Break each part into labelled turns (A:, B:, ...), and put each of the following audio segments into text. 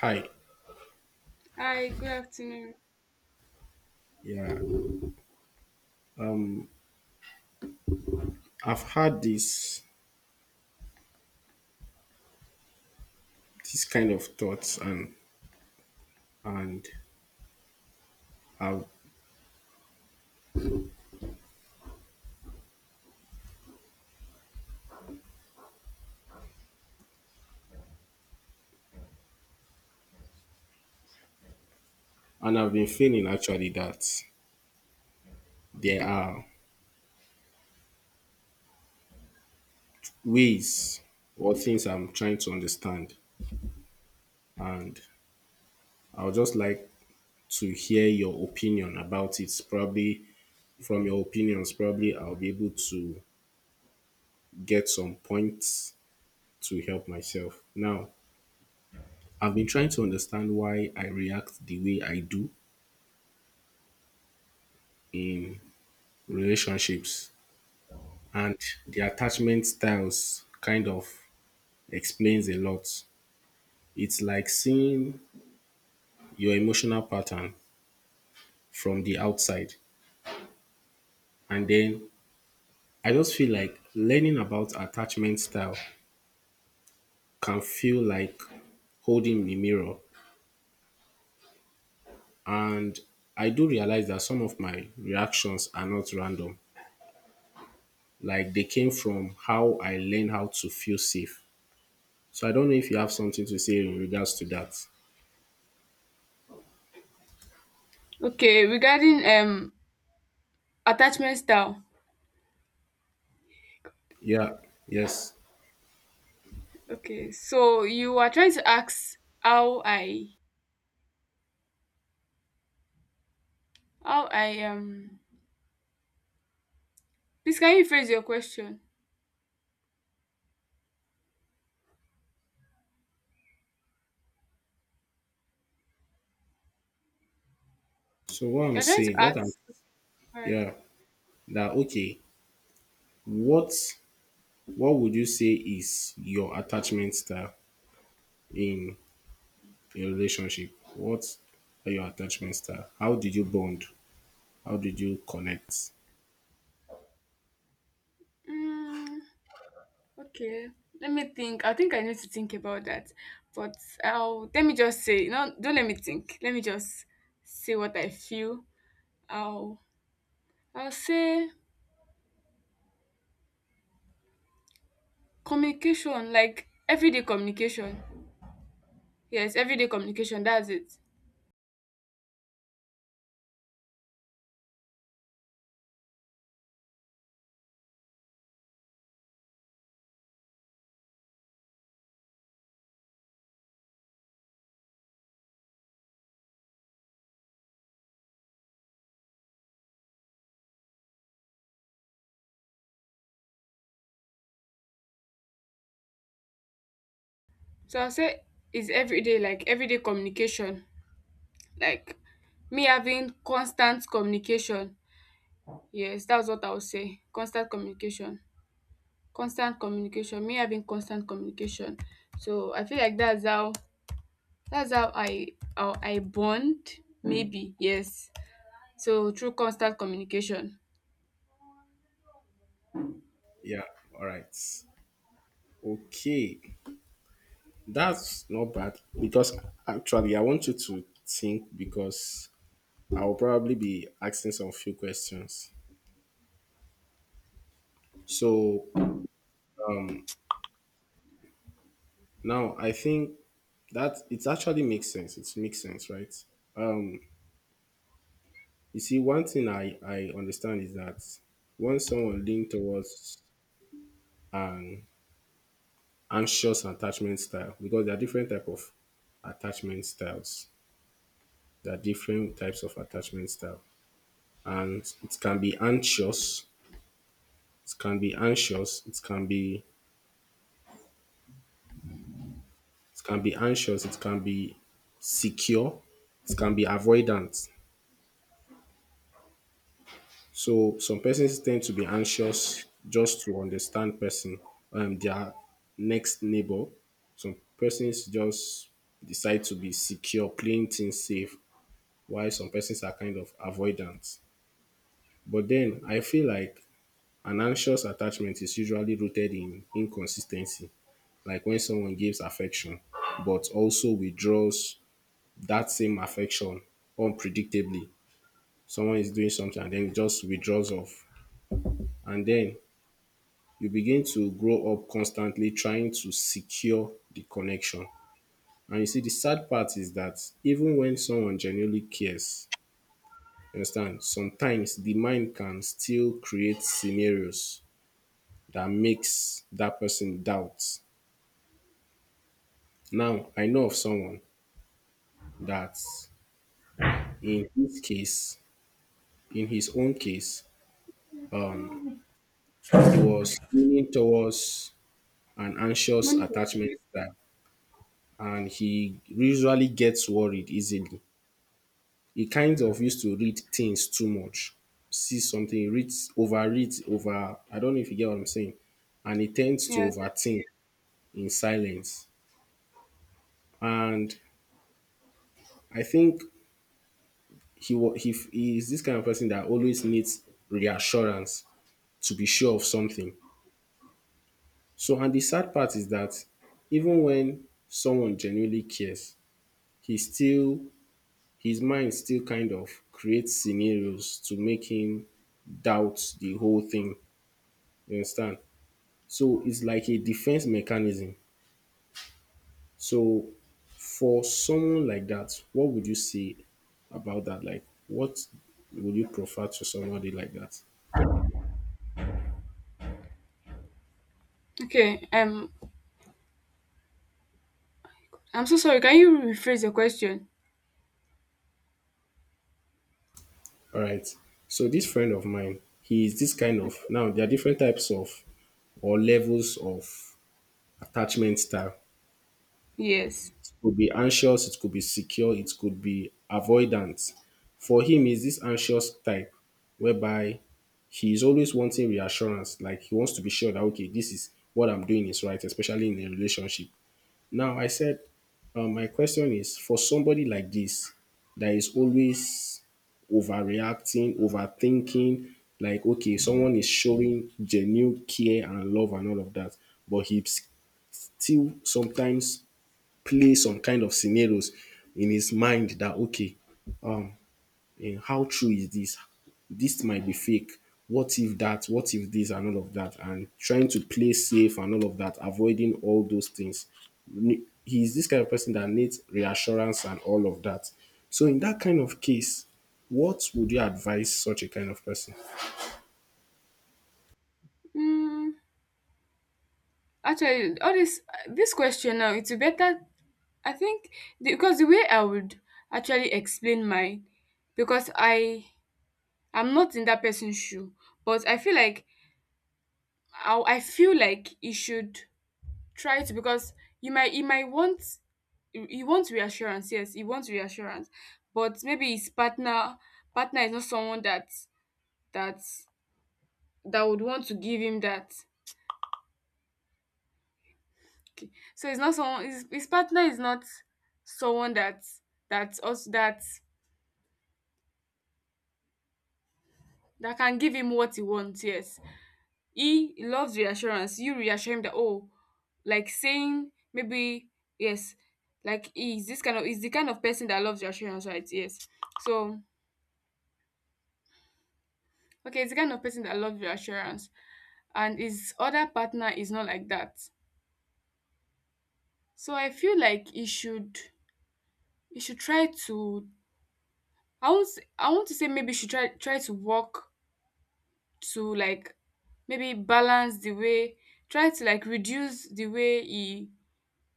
A: Hi.
B: Hi, good afternoon.
A: Yeah, I've had this kind of thoughts and I've and I've been feeling actually that there are ways or things I'm trying to understand and I would just like to hear your opinion about it. Probably from your opinions, probably I'll be able to get some points to help myself. Now, I've been trying to understand why I react the way I do in relationships, and the attachment styles kind of explains a lot. It's like seeing your emotional pattern from the outside. And then I just feel like learning about attachment style can feel like holding the mirror. And I do realize that some of my reactions are not random. Like, they came from how I learned how to feel safe. So I don't know if you have something to say in regards to that.
B: Okay, regarding attachment style.
A: Yeah, yes.
B: Okay, so you are trying to ask how I please can you phrase your question?
A: So what I'm
B: You're trying to
A: saying, what I'm
B: ask, alright.
A: Yeah. That okay. What what would you say is your attachment style in a relationship? What are your attachment style? How did you bond? How did you connect?
B: Mm, okay. Let me think. I think I need to think about that. But I'll let me just say no, don't let me think. Let me just say what I feel. I'll I'll say communication, like everyday communication. Yes, everyday communication, that's it. So I'll say it's everyday, like everyday communication. Like me having constant communication. Yes, that's what I would say. Constant communication. Constant communication. Me having constant communication. So I feel like that's how I bond. Maybe, yes. So through constant communication.
A: Yeah. All right. Okay. That's not bad because actually I want you to think, because I'll probably be asking some few questions. So um now I think that it actually makes sense. It makes sense, right? Um. You see, one thing I understand is that when someone lean towards an anxious attachment style, because there are different type of attachment styles, there are different types of attachment style, and it can be anxious, it can be anxious, it can be anxious, it can be secure, it can be avoidant. So some persons tend to be anxious just to understand person, their next neighbor. Some persons just decide to be secure, playing things safe, while some persons are kind of avoidant. But then I feel like an anxious attachment is usually rooted in inconsistency, like when someone gives affection, but also withdraws that same affection unpredictably. Someone is doing something and then just withdraws off. And then you begin to grow up constantly trying to secure the connection. And you see, the sad part is that even when someone genuinely cares, you understand, sometimes the mind can still create scenarios that makes that person doubt. Now, I know of someone that in his case, in his own case, um, he was leaning towards an anxious
B: Monica.
A: attachment style, and he usually gets worried easily. He kind of used to read things too much. See something, he reads, overread, over. I don't know if you get what I'm saying. And he tends to
B: Yeah.
A: overthink in silence. And I think he wa- he, f- he is this kind of person that always needs reassurance to be sure of something. So, and the sad part is that even when someone genuinely cares, he still his mind still kind of creates scenarios to make him doubt the whole thing. You understand? So it's like a defense mechanism. So for someone like that, what would you say about that? Like, what would you prefer to somebody like that?
B: Okay. I'm so sorry. Can you rephrase your question?
A: All right. So this friend of mine, he is this kind of
B: Okay.
A: now there are different types of or levels of attachment style.
B: Yes.
A: It could be anxious, it could be secure, it could be avoidant. For him, is this anxious type whereby he's always wanting reassurance. Like, he wants to be sure that okay, this is what I'm doing is right, especially in a relationship. Now I said, my question is for somebody like this that is always overreacting, overthinking. Like, okay, someone is showing genuine care and love and all of that, but he still sometimes plays some kind of scenarios in his mind that okay, um, and how true is this? This might be fake. What if that? What if this and all of that? And trying to play safe and all of that, avoiding all those things. He's this kind of person that needs reassurance and all of that. So in that kind of case, what would you advise such a kind of person?
B: Mm, Actually, all this question now, it's better I think because the way I would actually explain mine, because I'm not in that person's shoe, but I feel like I feel like you should try to because you might you might want you want reassurance, yes, you want reassurance, but maybe his partner is not someone that that would want to give him that. Okay. So it's not someone, his partner is not someone that that also that that can give him what he wants, yes. He loves reassurance. You reassure him that, oh, like saying maybe, yes, like he's the kind of person that loves reassurance, right? Yes. So okay, it's the kind of person that loves reassurance, and his other partner is not like that. So I feel like he should try to, I want to say maybe he should try to work to like maybe balance the way, try to like reduce the way he,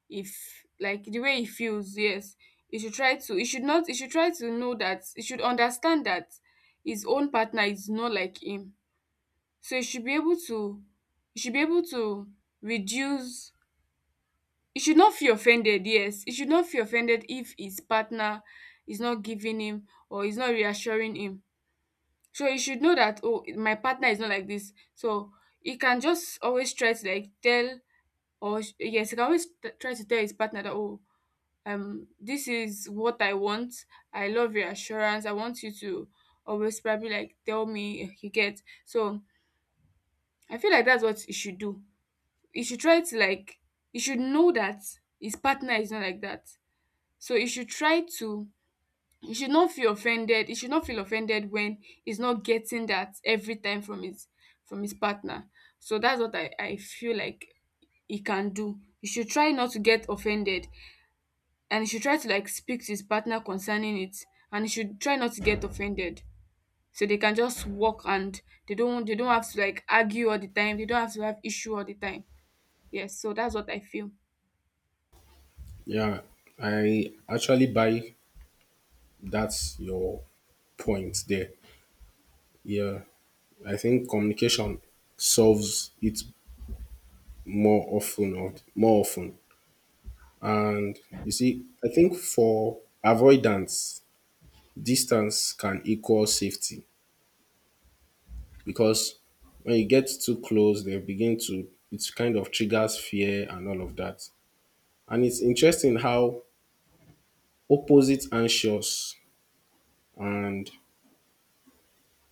B: if like the way he feels, yes, he should try to, he should not, he should try to know that, he should understand that his own partner is not like him, so he should be able to reduce, he should not feel offended, yes, he should not feel offended if his partner is not giving him or is not reassuring him, so he should know that, oh, my partner is not like this, so he can just always try to like tell, or yes, he can always try to tell his partner that, oh, this is what I want. I love reassurance. I want you to always probably like tell me, you get. So I feel like that's what you should do. You should try to like, you should know that his partner is not like that. So you should try to, you should not feel offended. You should not feel offended when he's not getting that every time from his partner. So that's what I feel like he can do. You should try not to get offended, and he should try to like speak to his partner concerning it, and he should try not to get offended, so they can just walk and they don't have to like argue all the time, they don't have to have issue all the time, yes, so that's what I feel.
A: Yeah, I actually buy that's your point there. Yeah, I think communication solves it more often And you see, I think for avoidance, distance can equal safety, because when you get too close, they begin to, it kind of triggers fear and all of that. And it's interesting how opposite anxious and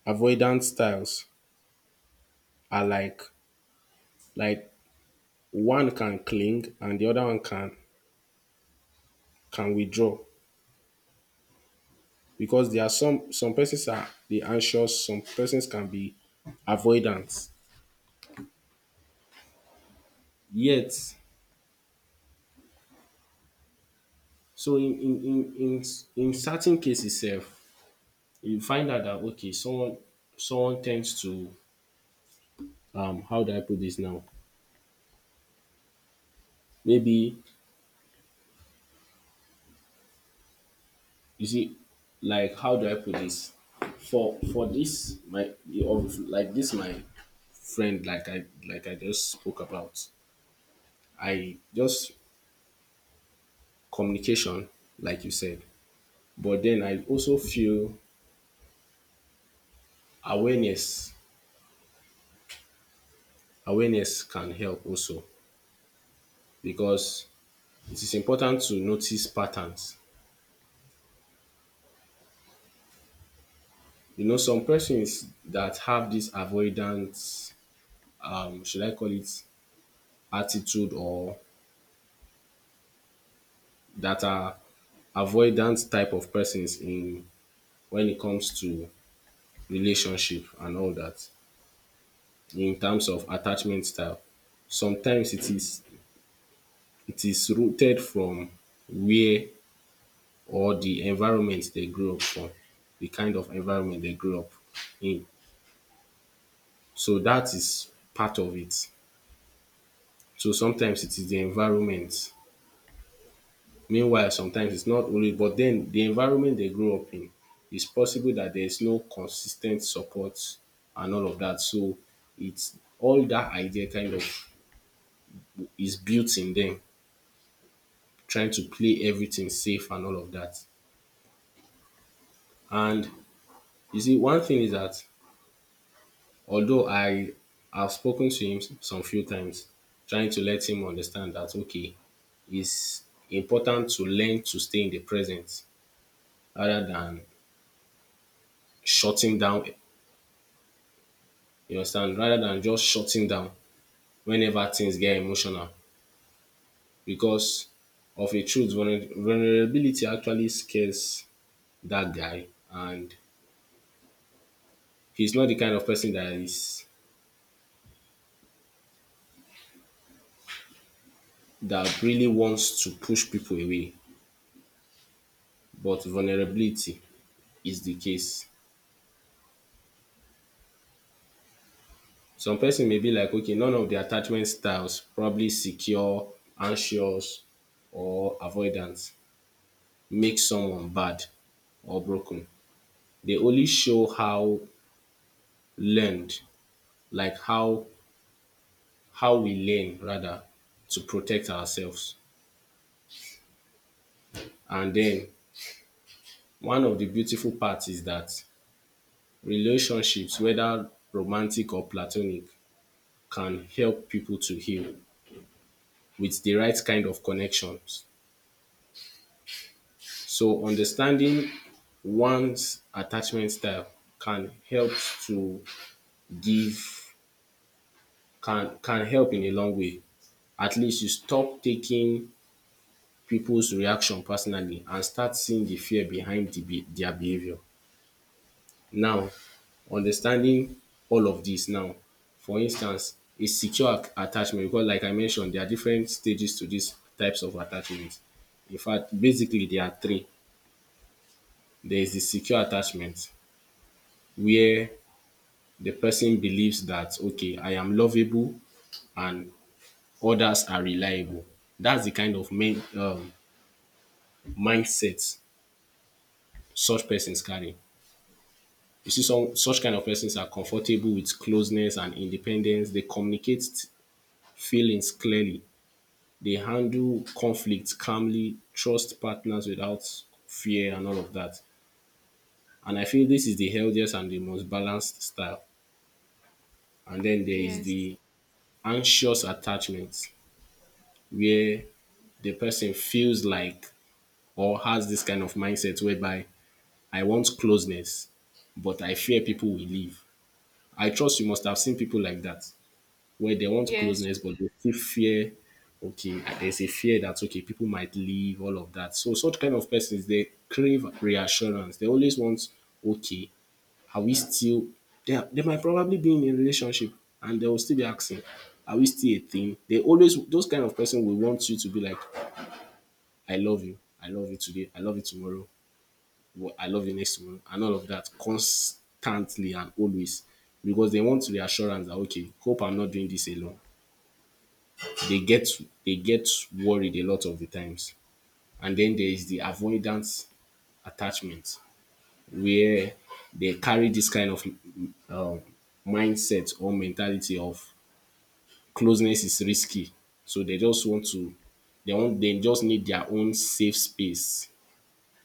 A: avoidant styles are, like one can cling and the other one can withdraw, because there are some persons are the anxious, some persons can be avoidant. Yet so in certain cases sef, you find out that okay someone tends to how do I put this now? Maybe, you see, like, how do I put this? For this my, like this my friend, like I, like I just spoke about, I just communication like you said, but then I also feel awareness awareness can help also, because it is important to notice patterns. You know, some persons that have this avoidance, should I call it attitude or that are avoidant type of persons in when it comes to relationship and all that in terms of attachment style. Sometimes it is rooted from where or the environment they grew up from, the kind of environment they grew up in. So that is part of it. So sometimes it is the environment. Meanwhile, sometimes it's not only, but then the environment they grow up in, it's possible that there's no consistent support and all of that. So it's all that idea kind of is built in them, trying to play everything safe and all of that. And you see, one thing is that although I have spoken to him some few times, trying to let him understand that okay, it's important to learn to stay in the present rather than shutting down. You understand? Rather than just shutting down whenever things get emotional, because of a truth, vulnerability actually scares that guy, and he's not the kind of person that is that really wants to push people away. But vulnerability is the case. Some person may be like, okay, none of the attachment styles, probably secure, anxious, or avoidance, make someone bad or broken. They only show how learned, like how we learn rather to protect ourselves. And then one of the beautiful parts is that relationships, whether romantic or platonic, can help people to heal with the right kind of connections. So understanding one's attachment style can help to give can help in a long way. At least you stop taking people's reaction personally and start seeing the fear behind the their behavior. Now, understanding all of this now, for instance, a attachment, because like I mentioned, there are different stages to these types of attachments. In fact, basically, there are three. There is the secure attachment, where the person believes that, okay, I am lovable and others are reliable. That's the kind of main, mindset such persons carry. You see, some such kind of persons are comfortable with closeness and independence. They communicate feelings clearly. They handle conflicts calmly, trust partners without fear and all of that. And I feel this is the healthiest and the most balanced style. And then there is
B: Yes,
A: the anxious attachment, where the person feels like or has this kind of mindset whereby I want closeness, but I fear people will leave. I trust you must have seen people like that where they want
B: yes,
A: closeness, but they still fear. Okay, there's a fear that okay, people might leave, all of that. So such kind of persons, they crave reassurance. They always want, okay, are we still they might probably be in a relationship and they will still be asking, are we still a thing? They always those kind of person will want you to be like, I love you today, I love you tomorrow, I love you next tomorrow, and all of that constantly and always. Because they want reassurance that okay, hope I'm not doing this alone. They get they get worried a lot of the times. And then there is the avoidance attachment, where they carry this kind of uh, mindset or mentality of closeness is risky. So they want they just need their own safe space.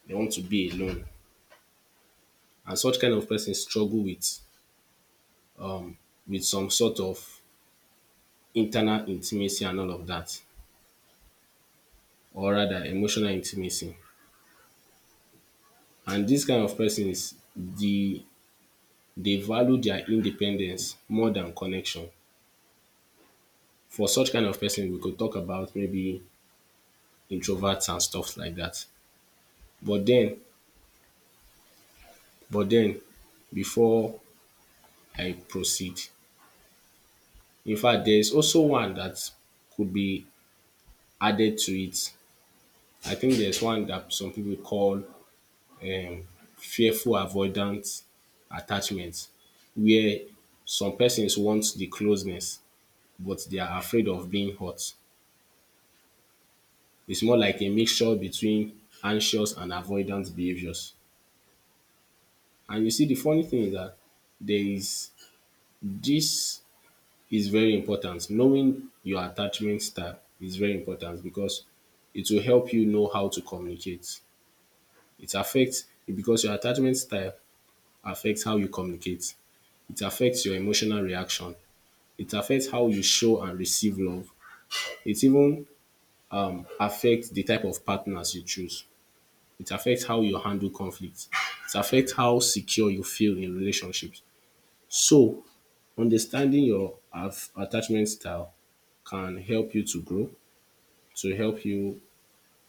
A: They want to be alone. And such kind of person struggle with some sort of internal intimacy and all of that. Or rather emotional intimacy. And this kind of person is the they value their independence more than connection. For such kind of person, we could talk about maybe introverts and stuff like that. But then, but then, before I proceed, in fact there is also one that could be added to it. I think there's one that some people call um fearful avoidant attachment where some persons want the closeness but they are afraid of being hurt. It's more like a mixture between anxious and avoidant behaviors. And you see, the funny thing is that there is this is very important. Knowing your attachment style is very important because it will help you know how to communicate. It affects because your attachment style affects how you communicate. It affects your emotional reaction. It affects how you show and receive love. It even affects the type of partners you choose. It affects how you handle conflict. It affects how secure you feel in relationships. So understanding your attachment style can help you to grow, to help you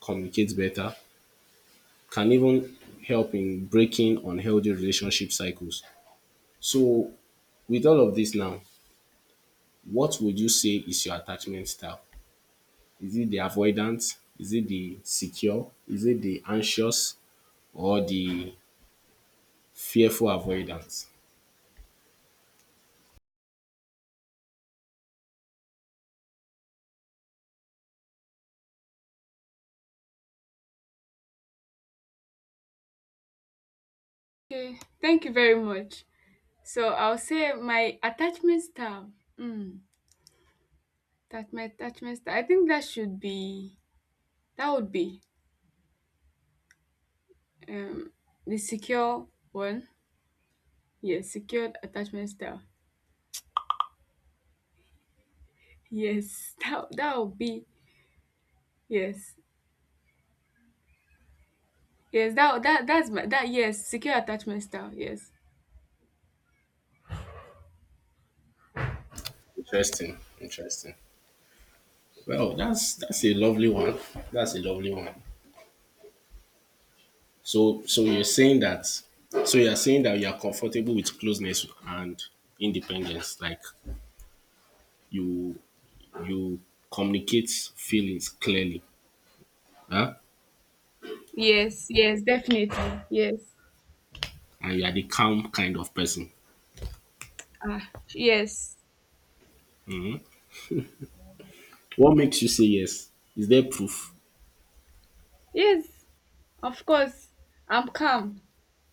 A: communicate better, can even help in breaking unhealthy relationship cycles. So with all of this now, what would you say is your attachment style? Is it the avoidant? Is it the secure? Is it the anxious or the fearful avoidance?
B: okay, thank you very much. So I'll say my attachment style, mm, that my attachment style, I think that should be, that would be, um the secure one. Yes, secured attachment style, yes. That, that would be, yes. Yes, that that that's my that yes, secure attachment style. Yes.
A: Interesting. Interesting. Well, that's a lovely one. That's a lovely one. So you're saying that you are comfortable with closeness and independence, like you you communicate feelings clearly, huh?
B: Yes, yes, definitely. Yes.
A: And you are the calm kind of person.
B: Ah, yes.
A: What makes you say yes? Is there proof?
B: Yes. Of course. I'm calm.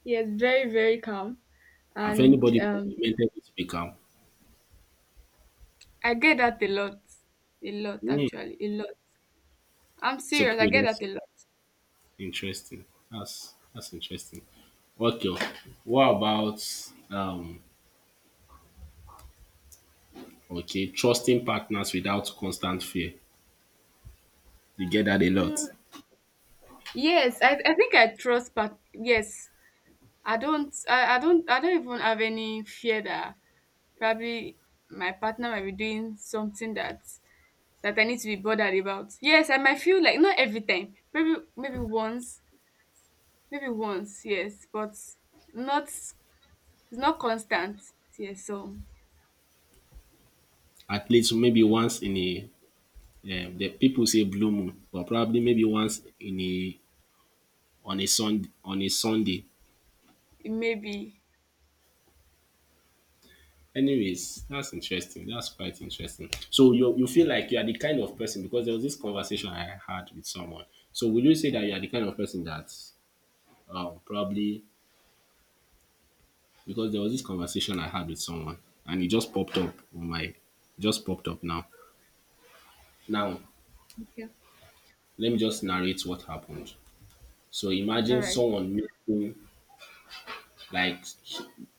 B: Yes, very, very calm.
A: Have
B: And
A: anybody complimented you to be calm?
B: I get that a lot. A lot,
A: Hmm.
B: actually. A lot. I'm
A: So
B: serious. I
A: people
B: get
A: that's
B: that a lot.
A: interesting. That's interesting. Okay. What about um okay, trusting partners without constant fear. You get that a
B: Mm,
A: lot.
B: yes, I think I trust, but yes. I don't I don't even have any fear that probably my partner might be doing something that I need to be bothered about. Yes, I might feel like not every time, maybe maybe once, yes, but not it's not constant. Yes, so
A: At least maybe once in a the people say blue moon, but probably maybe once in a on a Sunday.
B: it may be
A: Anyways, that's interesting. That's quite interesting. So you feel like you are the kind of person because there was this conversation I had with someone. So will you say that you are the kind of person that probably because there was this conversation I had with someone and it just popped up on my just popped up now. Now
B: okay.
A: let me just narrate what happened. So
B: All
A: imagine
B: right.
A: someone meeting, like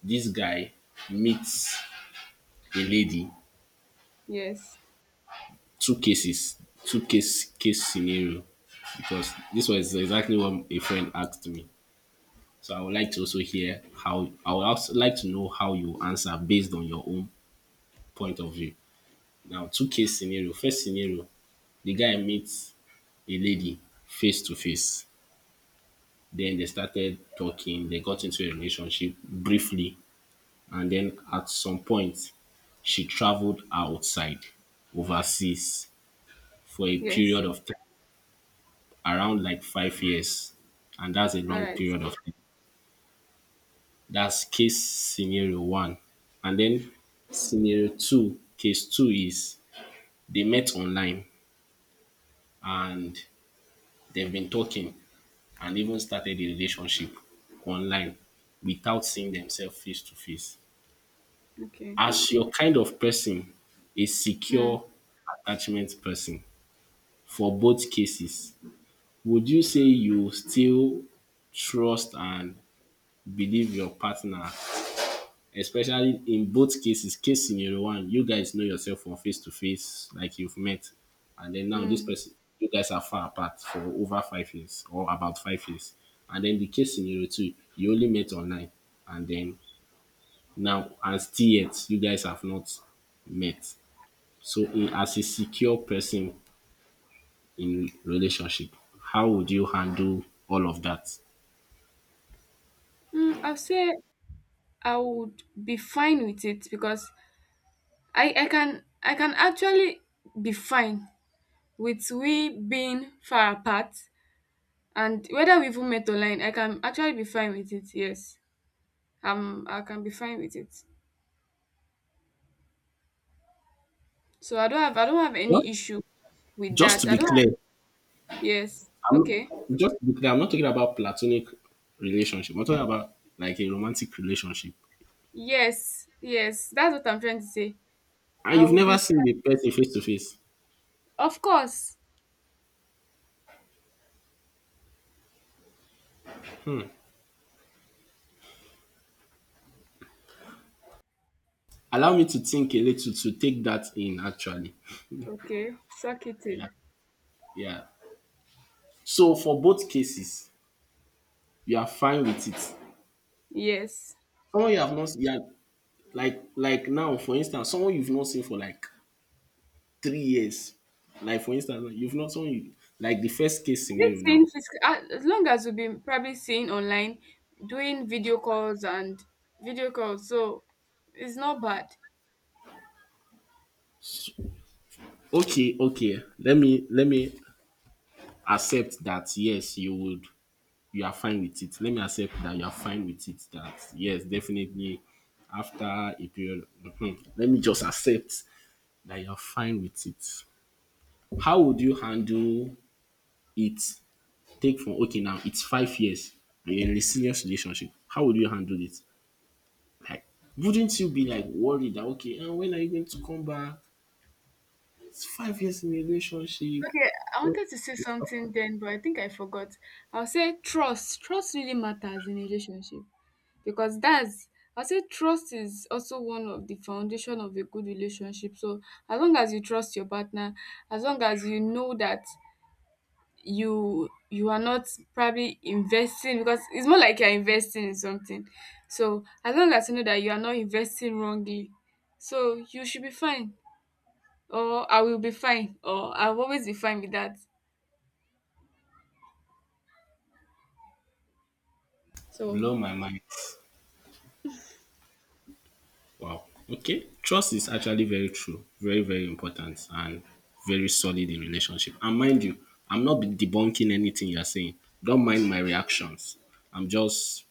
A: this guy meets a lady,
B: Yes.
A: two cases, two case scenario, because this was exactly what a friend asked me. So I would also like to know how you answer based on your own point of view. Now, two case scenario. First scenario, the guy meets a lady face to face. Then they started talking, they got into a relationship briefly, and then at some point she traveled outside overseas for a
B: Yes.
A: period of time around like 5 years and that's a
B: All
A: long
B: right.
A: period of time. That's case scenario one. And then scenario two, case two is they met online and they've been talking and even started a relationship online without seeing themselves face to face.
B: Okay.
A: As your kind of person, a
B: Hmm.
A: secure attachment person, for both cases, would you say you still trust and believe your partner, especially in both cases? Case scenario one, you guys know yourself from face to face, like you've met and then now this
B: Mm.
A: person, you guys are far apart for over 5 years or about 5 years. And then the case scenario two, you only met online and then now and still yet you guys have not met. So in as a secure person in relationship, how would you handle all of that?
B: Mm, I'll say I would be fine with it because I can, I can actually be fine with we being far apart, and whether we even met online, I can actually be fine with it, yes. I can be fine with it. So I don't have any
A: Just,
B: issue with
A: just to
B: that. I
A: be
B: don't have,
A: clear,
B: yes.
A: I'm
B: Okay.
A: just to be clear, I'm not talking about platonic relationship. I'm talking about like a romantic relationship.
B: Yes. Yes. That's what I'm trying to say.
A: And
B: I
A: you've
B: will
A: never
B: be
A: seen the
B: fine.
A: person face to face.
B: Of course.
A: Allow me to think a little to take that in actually.
B: Okay. Suck it
A: Yeah.
B: in.
A: Yeah. So for both cases, you are fine with it.
B: Yes.
A: Someone you have not you are like now, for instance, someone you've not seen for like 3 years. Like for instance, you've not so you like the first case scenario
B: This
A: now.
B: thing physical, as long as we've been probably seeing online, doing video calls and video calls, so it's not bad.
A: Okay, let me accept that yes, you would you are fine with it. Let me accept that you are fine with it. That yes, definitely after a period. Mhm. Let me just accept that you're fine with it. How would you handle it? Take from okay now it's 5 years and you're in a serious relationship. How would you handle it? Like wouldn't you be like worried that okay, and when are you going to come back? It's 5 years in a relationship.
B: Okay, I
A: What
B: wanted to say
A: is offered?
B: something then, but I think I forgot. I'll say trust. Trust really matters in a relationship. Because that's I say trust is also one of the foundation of a good relationship. So as long as you trust your partner, as long as you know that you are not probably investing, because it's more like you're investing in something. So as long as you know that you are not investing wrongly, so you should be fine. Or I will be fine. Or I'll always be fine with that. So
A: Blow my mind. Wow. Okay. Trust is actually very true, very, very important, and very solid in relationship. And mind you, I'm not debunking anything you're saying. Don't mind my reactions. I'm just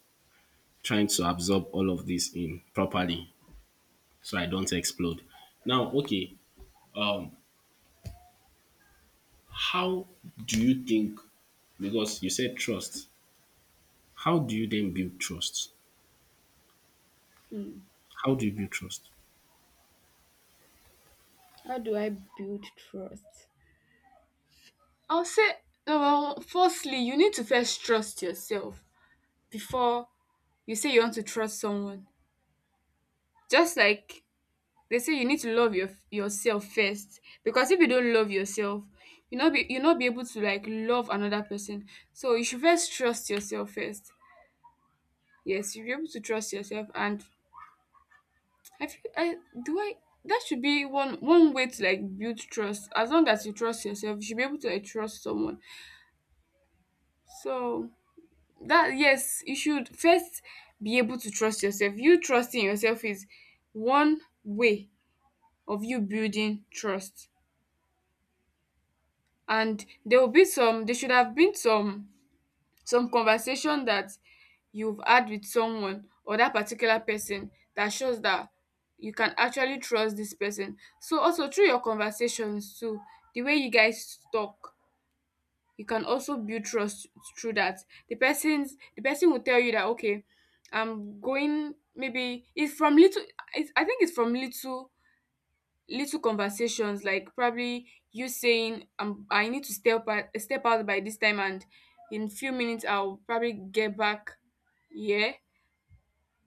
A: trying to absorb all of this in properly so I don't explode. Now, okay. Um, how do you think? Because you said trust. How do you then build trust?
B: hmm,
A: How do you build trust?
B: how do I build trust? I'll say, no, well, firstly, you need to first trust yourself before you say you want to trust someone. Just like they say you need to love yourself first. Because if you don't love yourself, you not be, you not be able to like love another person. So you should first trust yourself first. Yes, you'll be able to trust yourself, and I feel I do I that should be one way to like build trust. As long as you trust yourself, you should be able to like trust someone. So that, yes, you should first be able to trust yourself. You trusting yourself is one way of you building trust. And there will be some, there should have been some conversation that you've had with someone or that particular person that shows that you can actually trust this person. So also through your conversations too, the way you guys talk, you can also build trust through that. The person will tell you that, okay, I'm going, maybe it's from little, I think it's from little little conversations, like probably you saying, I need to step out by this time, and in few minutes I'll probably get back, yeah.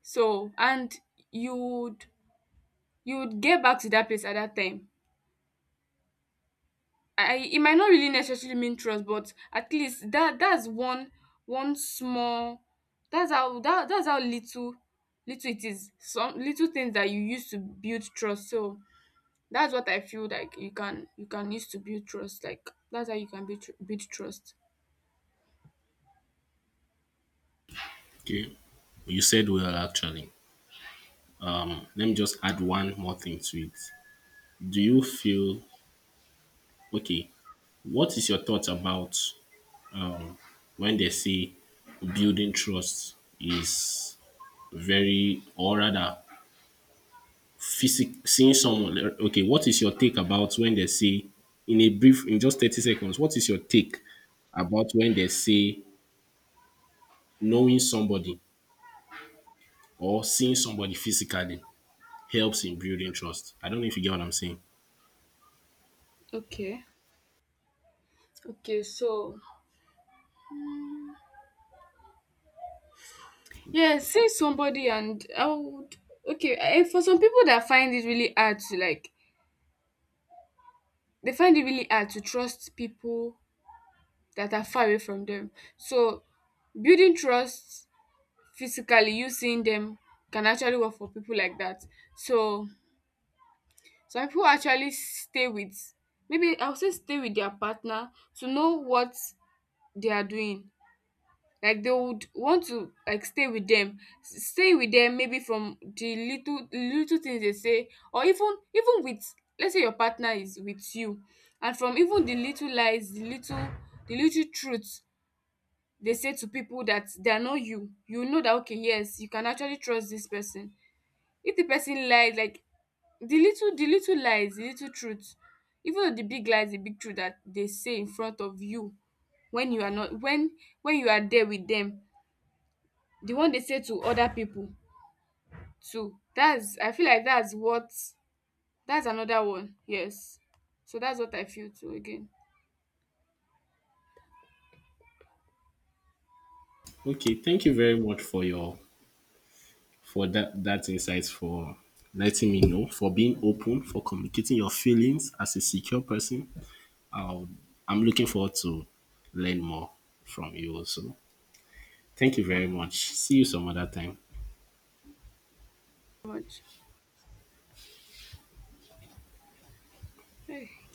B: So and you would, you would get back to that place at that time. I It might not really necessarily mean trust, but at least that, that's one one small, that, that's how little little it is, some little things that you use to build trust. So that's what I feel like you can, you can use to build trust, like that's how you can build, build trust.
A: Okay, you said well actually. Let me just add one more thing to it. Do you feel okay? What is your thoughts about um, when they say building trust is very, or rather, seeing someone? Okay, what is your take about when they say, in a brief, in just 30 seconds, what is your take about when they say knowing somebody or seeing somebody physically helps in building trust? I don't know if you get what I'm saying.
B: Okay, okay, so yeah, say somebody, and I would, okay, for some people that find it really hard to like, they find it really hard to trust people that are far away from them. So building trust physically, you seeing them, can actually work for people like that. So some people actually stay with, maybe I would say stay with their partner to know what they are doing, like they would want to like stay with them, stay with them, maybe from the little little things they say, or even even with, let's say your partner is with you, and from even the little lies, the little truths they say to people that they are not, you, you know that, okay, yes, you can actually trust this person. If the person lies, like the little lies, the little truths, even though the big lies, the big truth that they say in front of you, when you are not, when you are there with them, the one they say to other people too, that's, I feel like that's what, that's another one, yes. So that's what I feel too again.
A: Okay, thank you very much for your for that insight for letting me know for being open for communicating your feelings as a secure person. I'll, I'm looking forward to learn more from you also. Thank you very much. See you some other time.
B: Much, hey.